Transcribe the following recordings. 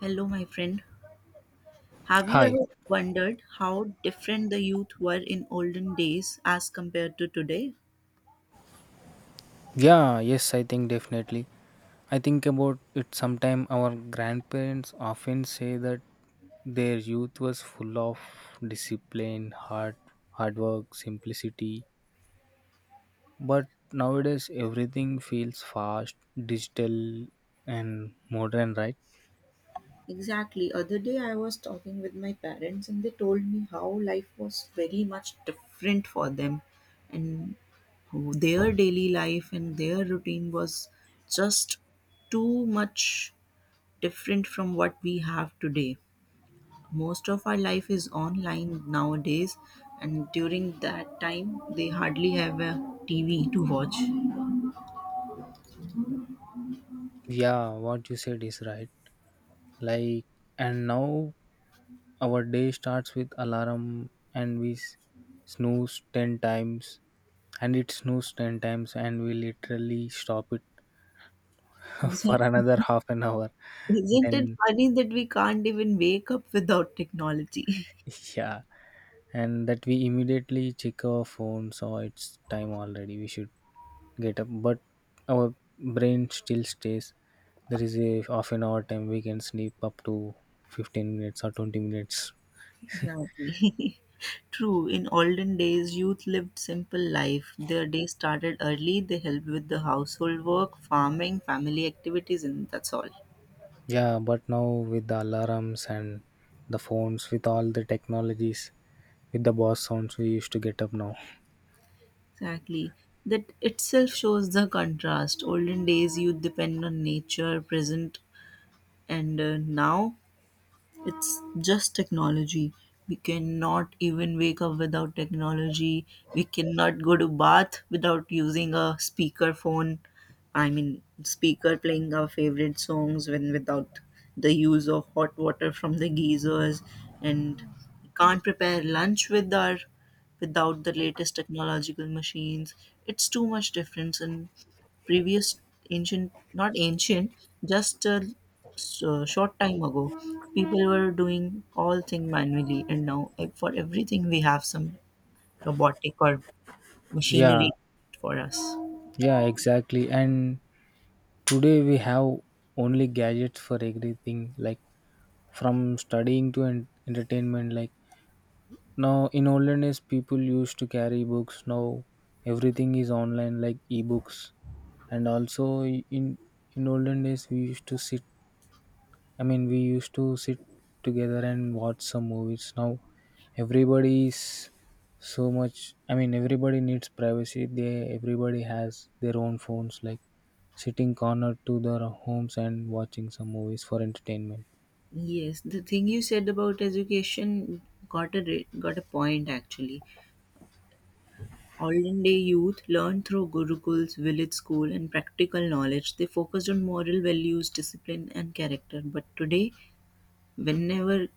Hello, my friend. Have you Hi. ever wondered how different the youth were in olden days as compared to today? Yeah, yes, I think definitely. I think about it sometime, our grandparents often say that their youth was full of discipline, hard work, simplicity. But nowadays everything feels fast, digital, and modern, right? Exactly. Other day I was talking with my parents and they told me how life was very much different for them and how their daily life and their routine was just too much different from what we have today. Most of our life is online nowadays, and during that time, they hardly have a TV to watch. Yeah, what you said is right. Like, and now our day starts with alarm and we snooze 10 times and it snows 10 times and we literally stop it for Exactly. another half an hour, Isn't it then funny that we can't even wake up without technology? yeah, and that we immediately check our phone, so it's time already, we should get up, but our brain still stays, there is a half an hour time we can sleep up to 15 minutes or 20 minutes. Exactly. True. In olden days, youth lived simple life. Their day started early. They helped with the household work, farming, family activities, and that's all. Yeah, but now with the alarms and the phones, with all the technologies, with the boss sounds we used to get up now. Exactly. That itself shows the contrast. Olden days, youth depend on nature. Present and now it's just technology. We cannot even wake up without technology. We cannot go to bath without using a speaker phone, I mean speaker playing our favorite songs, when without the use of hot water from the geysers, and we can't prepare lunch with our without the latest technological machines. It's too much difference in previous ancient, not ancient, just a short time ago, people were doing all thing manually, and now for everything we have some robotic or Yeah. machinery for us. Yeah, exactly. And today we have only gadgets for everything, like from studying to entertainment. Like now in olden days, people used to carry books. Now everything is online, like ebooks. And also in olden days, we used to sit, we used to sit together and watch some movies. Now, everybody is so much. I mean, everybody needs privacy. They, everybody has their own phones, like sitting cornered to their homes and watching some movies for entertainment. Yes, the thing you said about education got a point actually. Olden day youth learned through gurukuls, village school, and practical knowledge. They focused on moral values, discipline, and character. But today, whenever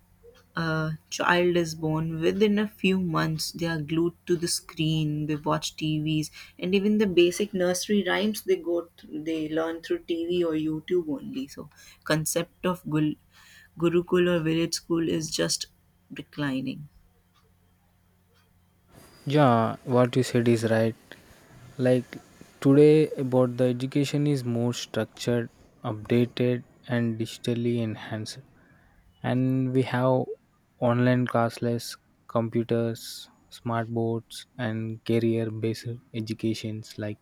a child is born, within a few months, they are glued to the screen, they watch TVs, and even the basic nursery rhymes they go through, they learn through TV or YouTube only. So, concept of Gurukul or village school is just declining. Yeah, what you said is right. Like today, about the education is more structured, updated, and digitally enhanced. And we have online classless, computers, smart boards, and career based educations. Like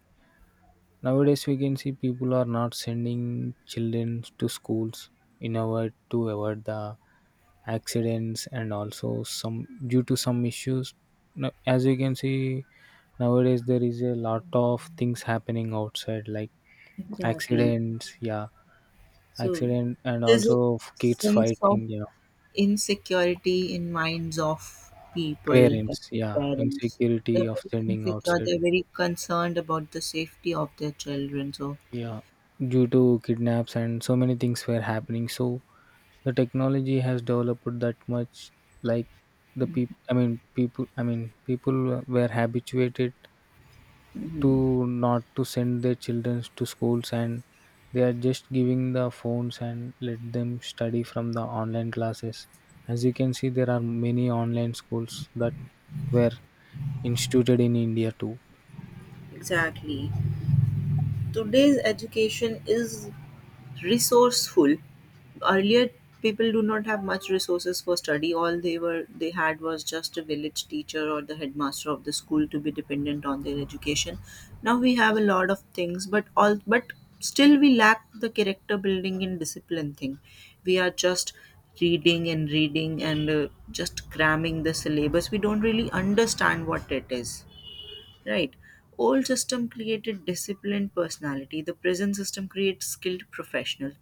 nowadays we can see people are not sending children to schools in order to avoid the accidents and also some due to some issues. No- As you can see, nowadays there is a lot of things happening outside, like Exactly. accidents, yeah, So, accident and there's a also kids sense of fighting, yeah. insecurity in minds of people, of Parents, yeah, parents. They're insecurity of very sending insecure. outside, They're very concerned about the safety of their children. So. yeah, due to kidnaps and so many things were happening. So the technology has developed that much, like the people. I mean, people were habituated Mhm. to not to send their children to schools, and they are just giving the phones and let them study from the online classes. As you can see, there are many online schools that were instituted in India too. Exactly. Today's education is resourceful. Earlier, people do not have much resources for study. All they were they had was just a village teacher or the headmaster of the school to be dependent on their education. Now we have a lot of things, but all but still we lack the character building and discipline thing. We are just reading and reading and just cramming the syllabus. We don't really understand what it is, right? Old system created disciplined personality, the present system creates skilled professional.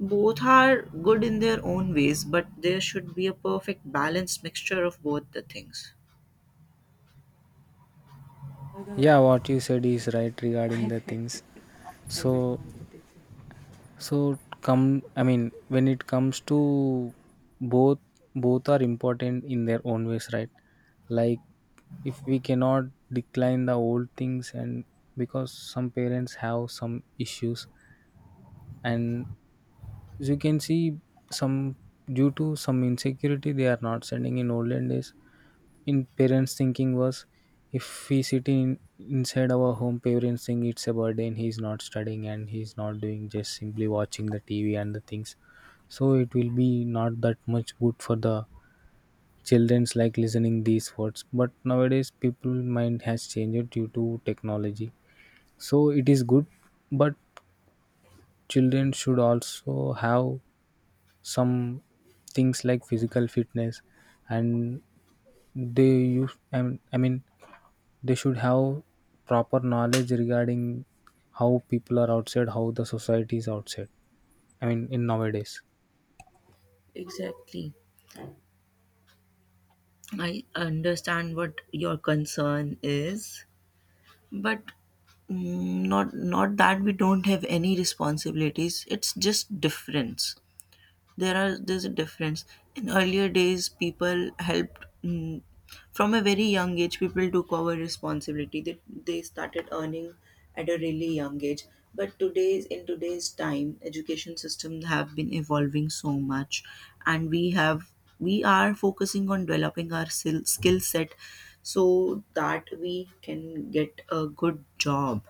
Both are good in their own ways, but there should be a perfect balanced mixture of both the things. Yeah, what you said is right regarding the things. So so come I mean, when it comes to both, both are important in their own ways, right? Like, if we cannot decline the old things, and because some parents have some issues, and as you can see, some, due to some insecurity, they are not sending. In olden days, in parents thinking was, if we sit in inside our home, parents think it's a burden, he's not studying and he's not doing, just simply watching the TV and the things, so it will be not that much good for the children's, like listening these words. But nowadays people mind has changed due to technology, so it is good, but children should also have some things like physical fitness, and they use, I mean, they should have proper knowledge regarding how people are outside, how the society is outside, I mean, in nowadays. Exactly. I understand what your concern is, but not that we don't have any responsibilities. It's just difference. There are there's a difference in earlier days. People helped, from a very young age people took over responsibility, they started earning at a really young age. But today's time education system have been evolving so much, and we have we are focusing on developing our skill set so that we can get a good job.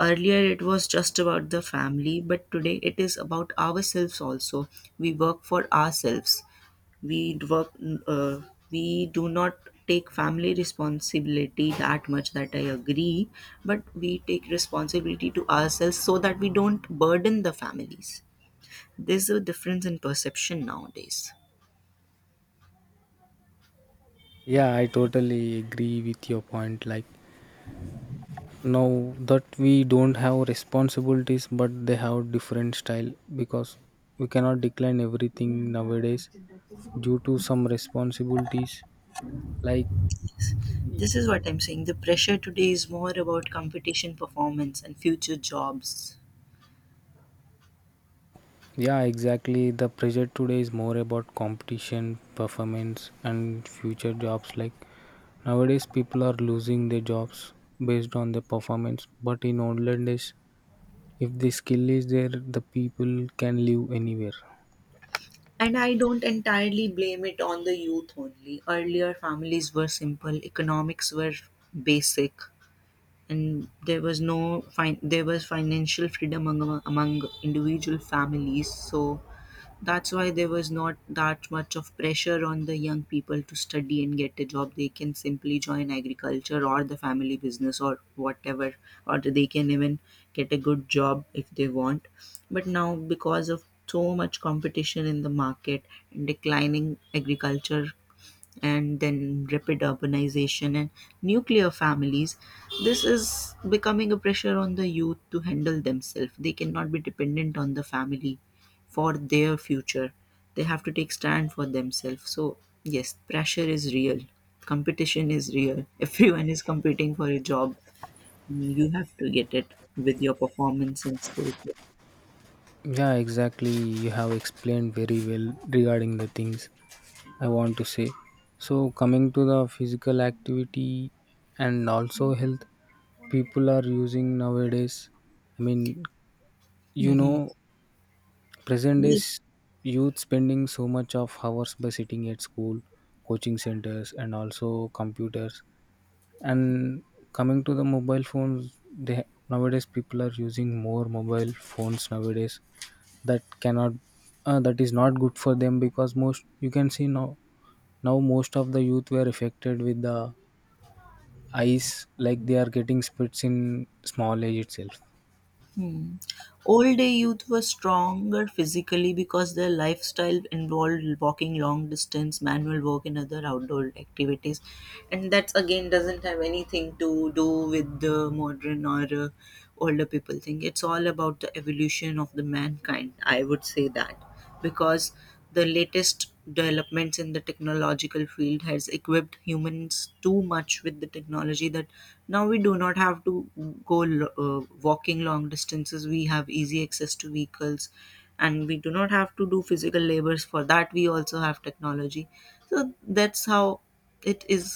Earlier, it was just about the family, but today it is about ourselves also. We work for ourselves. Work. Uh, we do not take family responsibility that much. That I agree, but we take responsibility to ourselves so that we don't burden the families. There's a difference in perception nowadays. Yeah, I totally agree with your point. Like, now that we don't have responsibilities, but they have different style, because we cannot decline everything nowadays due to some responsibilities, like, This is what I'm saying. The pressure today is more about competition, performance, and future jobs. yeah, exactly, the pressure today is more about competition, performance, and future jobs. Like, nowadays people are losing their jobs based on their performance, but in olden days, if the skill is there, the people can live anywhere. And I don't entirely blame it on the youth only. Earlier, families were simple, economics were basic, and there was no there was financial freedom among individual families. So that's why there was not that much of pressure on the young people to study and get a job. They can simply join agriculture or the family business or whatever, or they can even get a good job if they want. But now, because of so much competition in the market, and declining agriculture, and then rapid urbanization and nuclear families, this is becoming a pressure on the youth to handle themselves. They cannot be dependent on the family for their future. They have to take stand for themselves. So yes, pressure is real, competition is real. Everyone is competing for a job. You have to get it with your performance and skill. Yeah, exactly. You have explained very well regarding the things I want to say. So, coming to the physical activity and also health, people are using nowadays. I mean, you Hmm. know, present Yes. days youth spending so much of hours by sitting at school, coaching centers, and also computers. And coming to the mobile phones, they, nowadays people are using more mobile phones nowadays, that cannot, that is not good for them, because most, you can see now, now most of the youth were affected with the eyes, like they are getting splits in small age itself. Hmm. Old day youth were stronger physically because their lifestyle involved walking long distance, manual work, and other outdoor activities. And that again doesn't have anything to do with the modern or older people thing. It's all about the evolution of the mankind. I would say that because the latest developments in the technological field has equipped humans too much with the technology that now we do not have to go walking long distances. We have easy access to vehicles, and we do not have to do physical labors. For that we also have technology. So that's how it is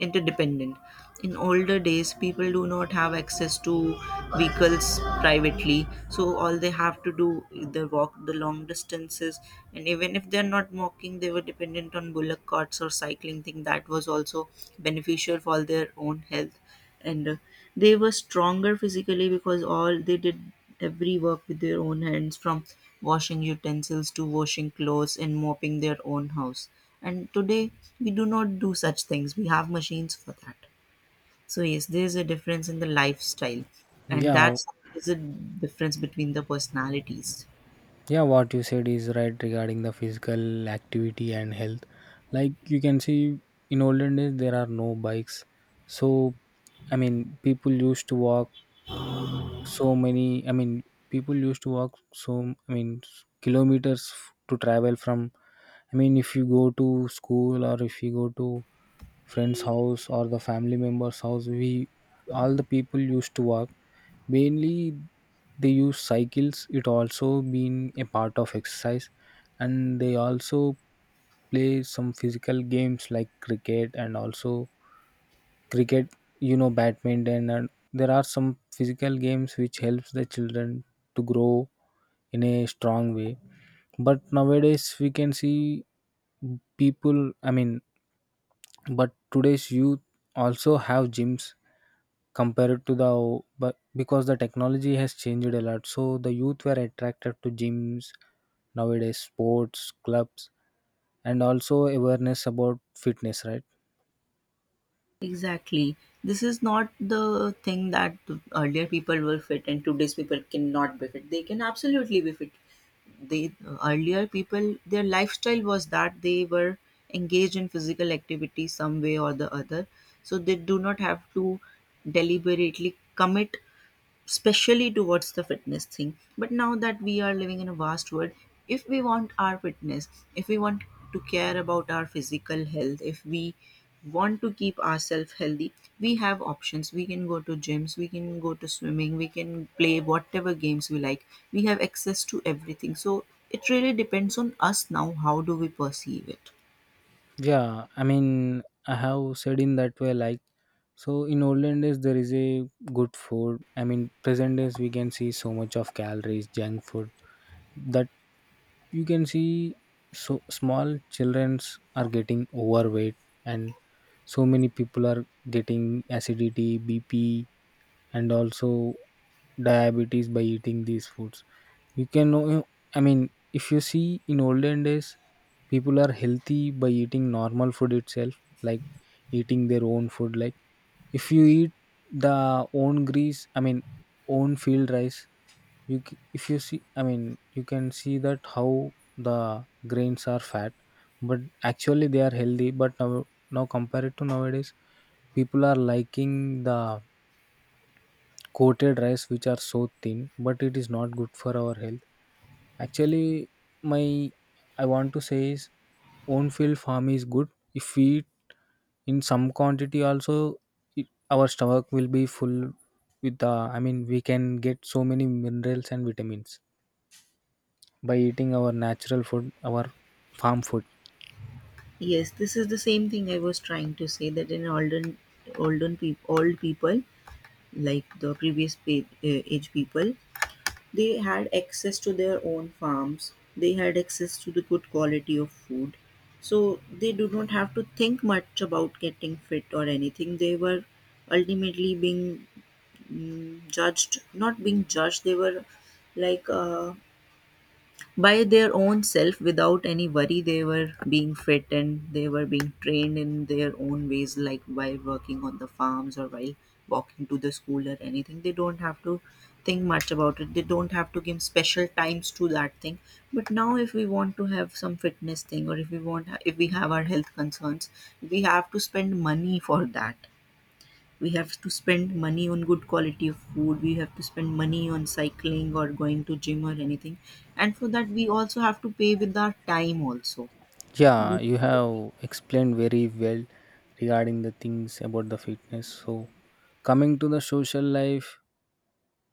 interdependent. In older days, people do not have access to vehicles privately, so all they have to do, they walk the long distances, and even if they're not walking, they were dependent on bullock carts or cycling thing. That was also beneficial for their own health, and they were stronger physically because all they did every work with their own hands, from washing utensils to washing clothes and mopping their own house. And today we do not do such things, we have machines for that. So yes, there is a difference in the lifestyle, and Yeah, that's there's a difference between the personalities. yeah, what you said is right regarding the physical activity and health. Like you can see, in olden days there are no bikes. So, I mean people used to walk so many, I mean, people used to walk so, I mean kilometers to travel from, I mean if you go to school or if you go to friend's house or the family member's house, we, all the people used to walk. Mainly they use cycles, it also been a part of exercise, and they also play some physical games like cricket and also cricket you know, badminton, and there are some physical games which helps the children to grow in a strong way. But nowadays we can see people, I mean, but today's youth also have gyms compared to the, but because the technology has changed a lot, so the youth were attracted to gyms nowadays, sports clubs, and also awareness about fitness, right? Exactly. This is not the thing that earlier people were fit and today's people cannot be fit. They can absolutely be fit. They Earlier people, their lifestyle was that they were engaged in physical activity some way or the other. So they do not have to deliberately commit especially towards the fitness thing. But now that we are living in a vast world, if we want our fitness, if we want to care about our physical health, if we want to keep ourselves healthy, we have options. We can go to gyms, we can go to swimming, we can play whatever games we like. We have access to everything. So it really depends on us now how do we perceive it. Yeah, I mean I have said in that way. Like, so in olden days there is a good food, I mean present days we can see so much of calories, junk food, that you can see so small childrens are getting overweight, and so many people are getting acidity, bp, and also diabetes by eating these foods, you can know. I mean, if you see in olden days, people are healthy by eating normal food itself, like eating their own food. Like, if you eat the own grease, I mean own field rice, if you see, I mean, you can see that how the grains are fat, but actually they are healthy. But now, now compared to nowadays, people are liking the coated rice which are so thin, but it is not good for our health. Actually, my, I want to say is, own field farm is good, if we eat in some quantity also it, our stomach will be full with the, I mean, we can get so many minerals and vitamins by eating our natural food, our farm food. Yes, this is the same thing I was trying to say, that in old people, like the previous age people, they had access to their own farms, they had access to the good quality of food, so they do not have to think much about getting fit or anything. They were ultimately being judged, not being judged, they were like, by their own self, without any worry they were being fit, and they were being trained in their own ways, like while working on the farms or while walking to the school or anything. They don't have to think much about it, they don't have to give special times to that thing. But now if we want to have some fitness thing, or if we want, if we have our health concerns, we have to spend money for that. We have to spend money on good quality of food, we have to spend money on cycling or going to gym or anything. And for that we also have to pay with our time also. Yeah, We- you have explained very well regarding the things about the fitness. So, coming to the social life,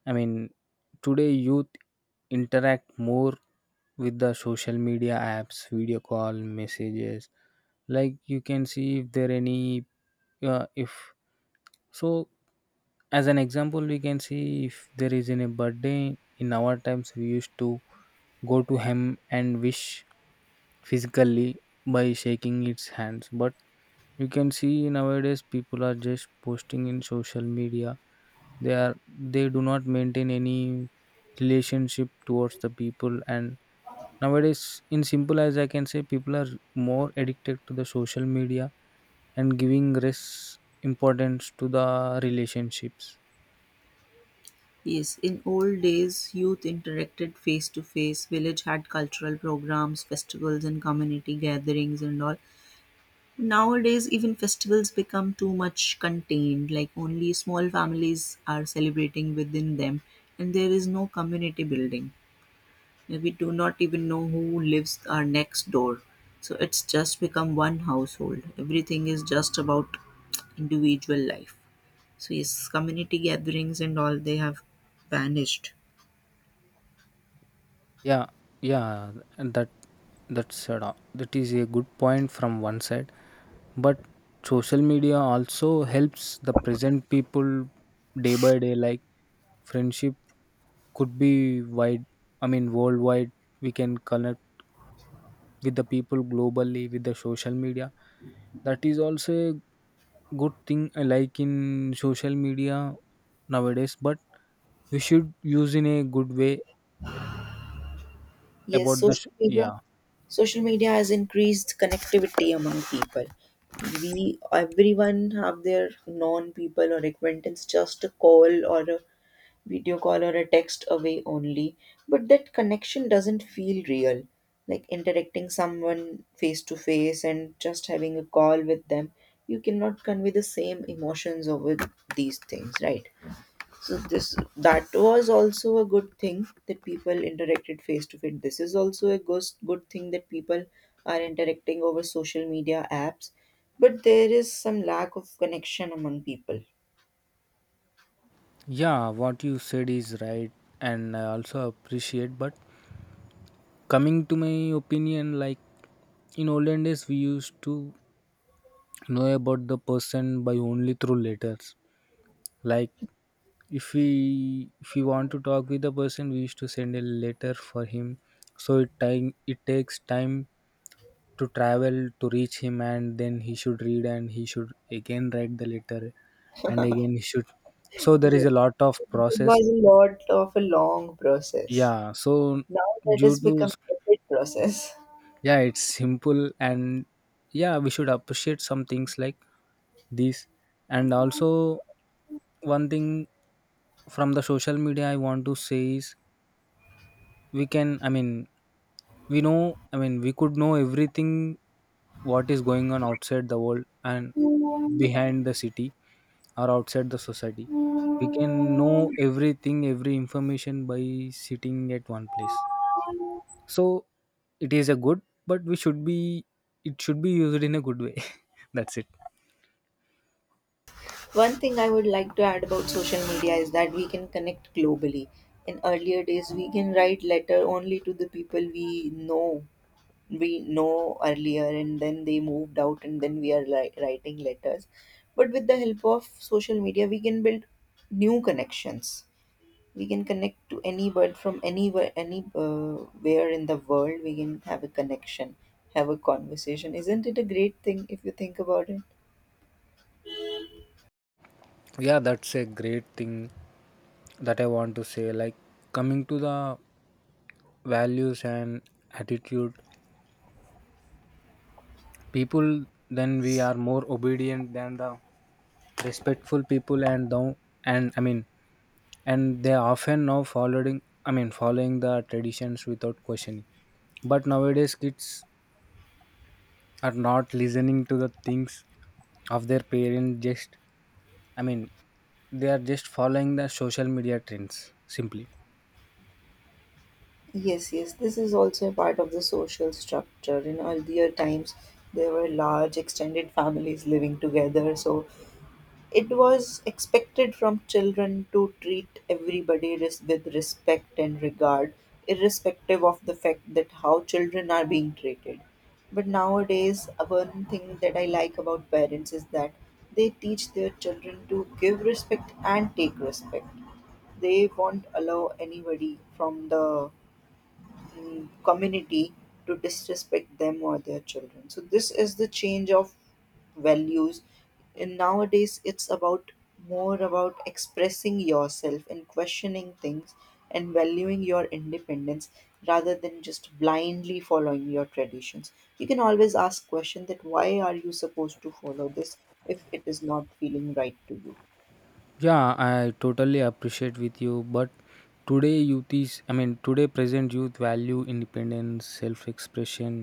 I mean, today youth interact more with the social media apps, video call, messages. Like you can see if there any, if, so, as an example we can see, if there is in a birthday, in our times we used to go to him and wish physically by shaking its hands, but you can see nowadays people are just posting in social media, they, are they do not maintain any relationship towards the people, and nowadays in simple as I can say, people are more addicted to the social media and giving risks, importance to the relationships. yes, in old days youth interacted face to face. Village had cultural programs, festivals, and community gatherings and all. Nowadays even festivals become too much contained, like only small families are celebrating within them, and there is no community building. We do not even know who lives our next door. So it's just become one household, everything is just about individual life. So yes, community gatherings and all, they have vanished. Yeah, yeah, and that is a good point from one side, but social media also helps the present people day by day. Like friendship could be wide, I mean worldwide. We can connect with the people globally with the social media. That is also a good thing. I like in social media nowadays, but you should use in a good way Yes, about the social media. yeah. Social media has increased connectivity among people. We, everyone have their known people or acquaintance just a call or a video call or a text away only, but that connection doesn't feel real like interacting someone face to face. And just having a call with them, you cannot convey the same emotions over these things, right? So this, that was also a good thing that people interacted face to face. This is also a good thing that people are interacting over social media apps, but there is some lack of connection among people. Yeah, what you said is right, and I also appreciate. But coming to my opinion, like in olden days we used to know about the person by only through letters. Like, if we, if we want to talk with the person, we used to send a letter for him, so it time it takes time to travel to reach him, and then he should read, and he should again write the letter, and again he should, so there is Yes. a lot of It process. was a lot of a long process. Yeah, so Now that due has to, become a big process. yeah it's simple. And yeah, we should appreciate some things like this. And also one thing from the social media I want to say is, we can, I mean we know, I mean we could know everything what is going on outside the world, and behind the city or outside the society, we can know everything, every information, by sitting at one place. So it is a good, but we should be, it should be used in a good way. That's it. One thing I would like to add about social media is that we can connect globally. In earlier days, we can write letter only to the people we know earlier, and then they moved out, and then we are writing letters. But with the help of social media, we can build new connections. We can connect to any bird from anywhere, any where in the world. We can have a connection, have a conversation. Isn't it a great thing if you think about it? Yeah, that's a great thing that I want to say. Like, coming to the values and attitude, people then, we are more obedient than the, respectful people and the, and I mean, and they often now following, I mean following the traditions without questioning, but nowadays kids are not listening to the things of their parents, just, I mean, they are just following the social media trends simply. Yes, yes, this is also a part of the social structure. In earlier times, there were large extended families living together, so it was expected from children to treat everybody with respect and regard, irrespective of the fact that how children are being treated. But nowadays, one thing that I like about parents is that they teach their children to give respect and take respect. They won't allow anybody from the community to disrespect them or their children. So this is the change of values. And nowadays, it's about more about expressing yourself and questioning things and valuing your independence rather than just blindly following your traditions. You can always ask question that why are you supposed to follow this if it is not feeling right to you. Yeah, I totally appreciate with you, but today youth is, I mean today present youth value independence, self-expression,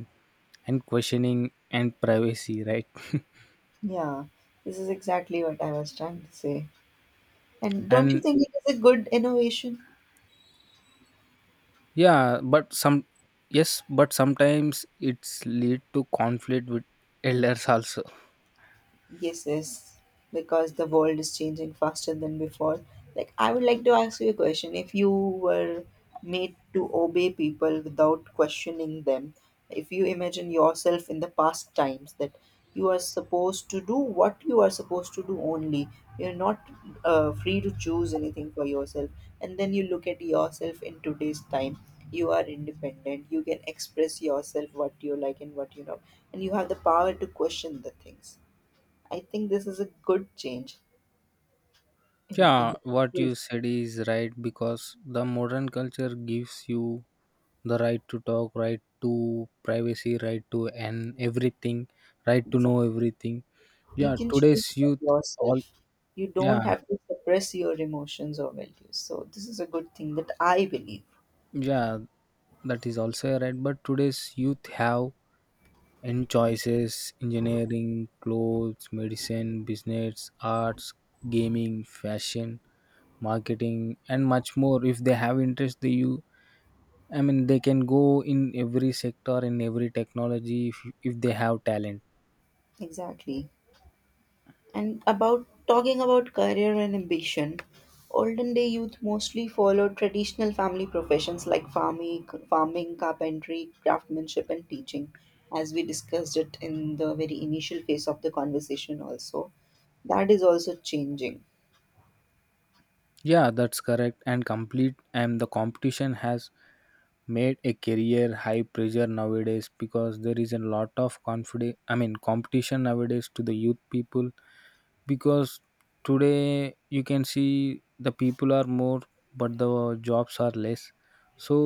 and questioning and privacy, right? Yeah, this is exactly what I was trying to say. And don't you And, think it is a good innovation? yeah but some, yes but sometimes it's lead to conflict with elders also. Yes, yes, because the world is changing faster than before. Like, I would like to ask you a question. If you were made to obey people without questioning them, if you imagine yourself in the past times that you are supposed to do what you are supposed to do only, you're not free to choose anything for yourself, and then you look at yourself in today's time. You are independent, you can express yourself what you like and what you know, and you have the power to question the things. I think this is a good change in Yeah, what you individuals. said is right, because the modern culture gives you the right to talk, right to privacy, right to and everything, right to know everything. You Yeah, can today's choose for youth all. yourself. You Yeah, don't have to suppress your emotions or values. So this is a good thing that I believe. yeah, that is also right, but today's youth have in choices: engineering, clothes, medicine, business, arts, gaming, fashion, marketing, and much more. If they have interest, they you I mean they can go in every sector, in every technology if they have talent. Exactly. And about talking about career and ambition, olden day youth mostly followed traditional family professions like farming, carpentry, craftsmanship, and teaching, as we discussed it in the very initial phase of the conversation also. That is also changing. Yeah, that's correct and complete, and the competition has made a career high pressure nowadays because there is a lot of confidence I mean competition nowadays to the youth people. Because today you can see the people are more but the jobs are less. so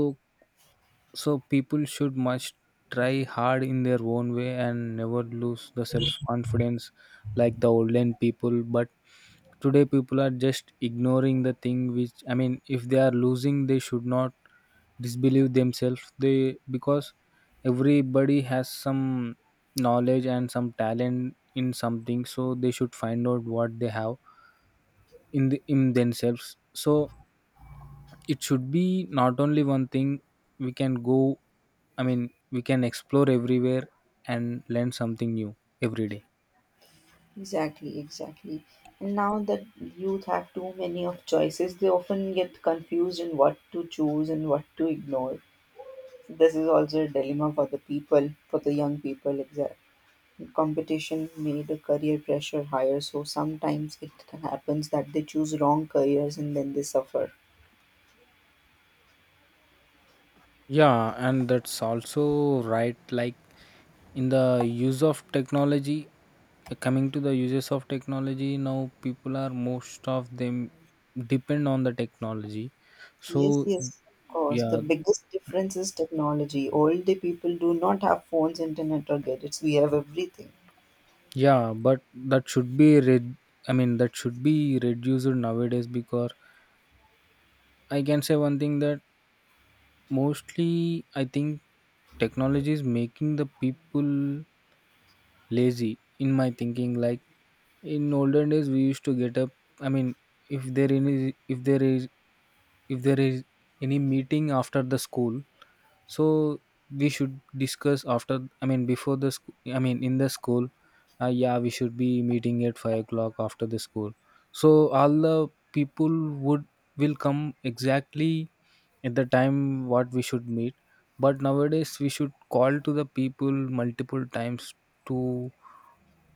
so people should must try hard in their own way and never lose the self confidence like the olden people. But today people are just ignoring the thing which, I mean, if they are losing, they should not disbelieve themselves, they because everybody has some knowledge and some talent in something, so they should find out what they have in themselves. So it should be not only one thing. We can go, I mean, we can explore everywhere and learn something new every day. Exactly, exactly. And now that youth have too many of choices, they often get confused in what to choose and what to ignore. This is also a dilemma for the people, for the young people. Exactly. Competition made the career pressure higher, so sometimes it happens that they choose wrong careers and then they suffer. Yeah, and that's also right. Like in the use of technology, coming to the uses of technology, now people, are most of them, depend on the technology. Yes, So yes, of course. The yeah. biggest difference is technology. Older people do not have phones, internet, or gadgets. We have everything. Yeah, but that should be red I mean that should be reduced nowadays, because I can say one thing: that mostly, I think, technology is making the people lazy, in my thinking. Like in olden days we used to get up. I mean, if there any if there is if there is any meeting after the school, so we should discuss after, I mean, before the school, I mean in the school, yeah, we should be meeting at 5 o'clock after the school. So all the people would will come exactly at the time what we should meet. But nowadays we should call to the people multiple times to,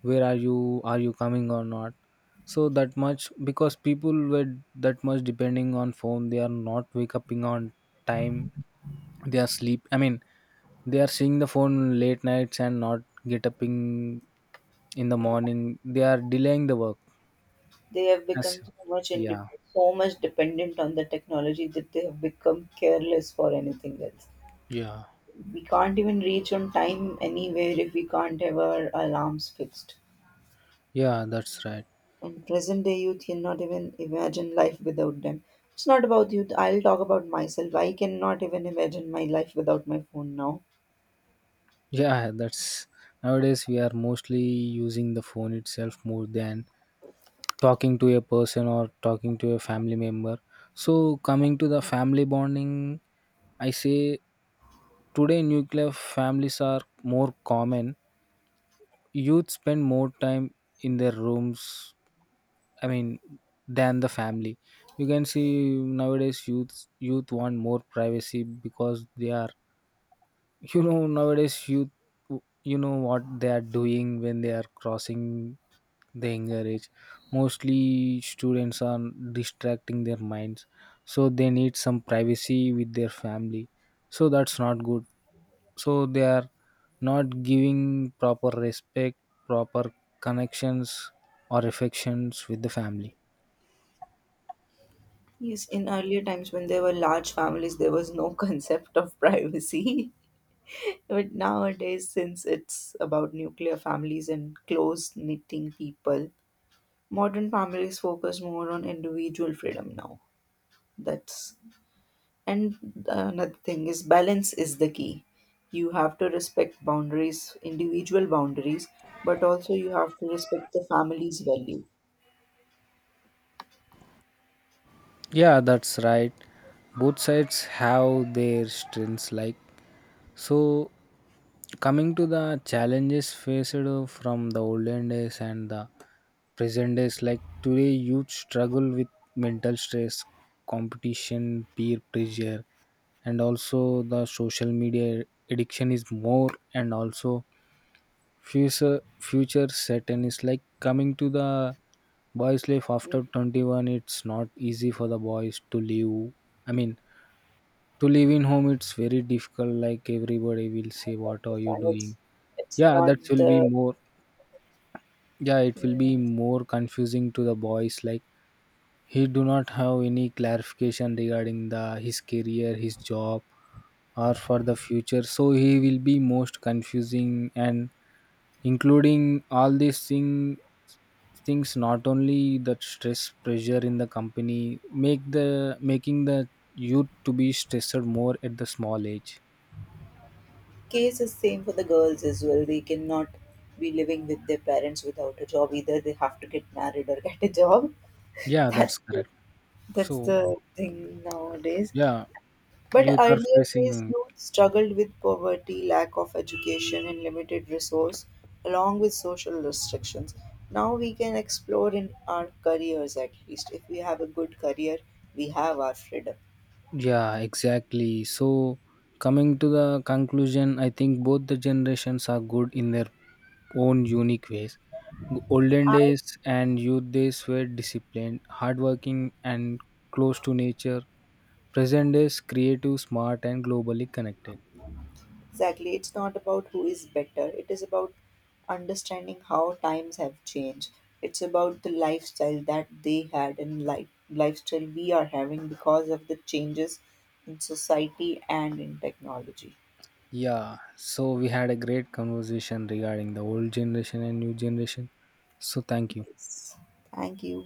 where are you, are you coming or not? So that much, because people were that much depending on phone, they are not wake up on time. They are sleep I mean they are seeing the phone late nights and not get up in the morning. They are delaying the work. They have As, become so much yeah. so much dependent on the technology that they have become careless for anything else. Yeah. We can't even reach on time anywhere if we can't have our alarms fixed. Yeah, that's right. And present day youth cannot even imagine life without them. It's not about youth. I'll talk about myself. I cannot even imagine my life without my phone now. Yeah, that's, nowadays we are mostly using the phone itself more than talking to a person or talking to a family member. So coming to the family bonding, I say today nuclear families are more common. Youth spend more time in their rooms, I mean, than the family. You can see nowadays youth want more privacy because they are you know nowadays youth, you know what they are doing when they are crossing the younger age. Mostly students are distracting their minds, so they need some privacy with their family. So that's not good. So they are not giving proper respect, proper connections or affections with the family. Yes, in earlier times when there were large families, there was no concept of privacy. But nowadays, since it's about nuclear families and close knitting people, modern families focus more on individual freedom now. That's and another thing is balance is the key. You have to respect boundaries, individual boundaries, but also you have to respect the family's value. Yeah, that's right. Both sides have their strengths. Like so, coming to the challenges faced from the olden days and the present days. Like today, youth struggle with mental stress, competition, peer pressure, and also the social media addiction is more, and also future certain is, like, coming to the boys life You after 21, it's not easy for the boys to live, I mean, to live in home. It's very difficult. Like everybody will say, what are you understand doing? it's Yeah, not that will be the— more, yeah, it will be Yeah. more confusing to the boys. Like, he do not have any clarification regarding the his career, his job, or for the future, so he will be most confusing. And including all these things, not only that, stress pressure in the company make the making the youth to be stressed more at the small age. Case is same for the girls as well. They cannot be living with their parents without a job either. They have to get married or get a job. Yeah, That's that's the, correct. that's So the thing nowadays. yeah, But youth are earlier days, facing. youth struggled with poverty, lack of education, and limited resource, along with social restrictions. Now we can explore in our careers at least. If we have a good career, we have our freedom. Yeah, exactly. So coming to the conclusion, I think both the generations are good in their own unique ways. Olden I— days and youth days were disciplined, hardworking, and close to nature. Present is creative, smart, and globally connected. Exactly. It's not about who is better. It is about understanding how times have changed. It's about the lifestyle that they had and lifestyle we are having because of the changes in society and in technology. Yeah, so we had a great conversation regarding the old generation and new generation. So, thank you. Yes. Thank you.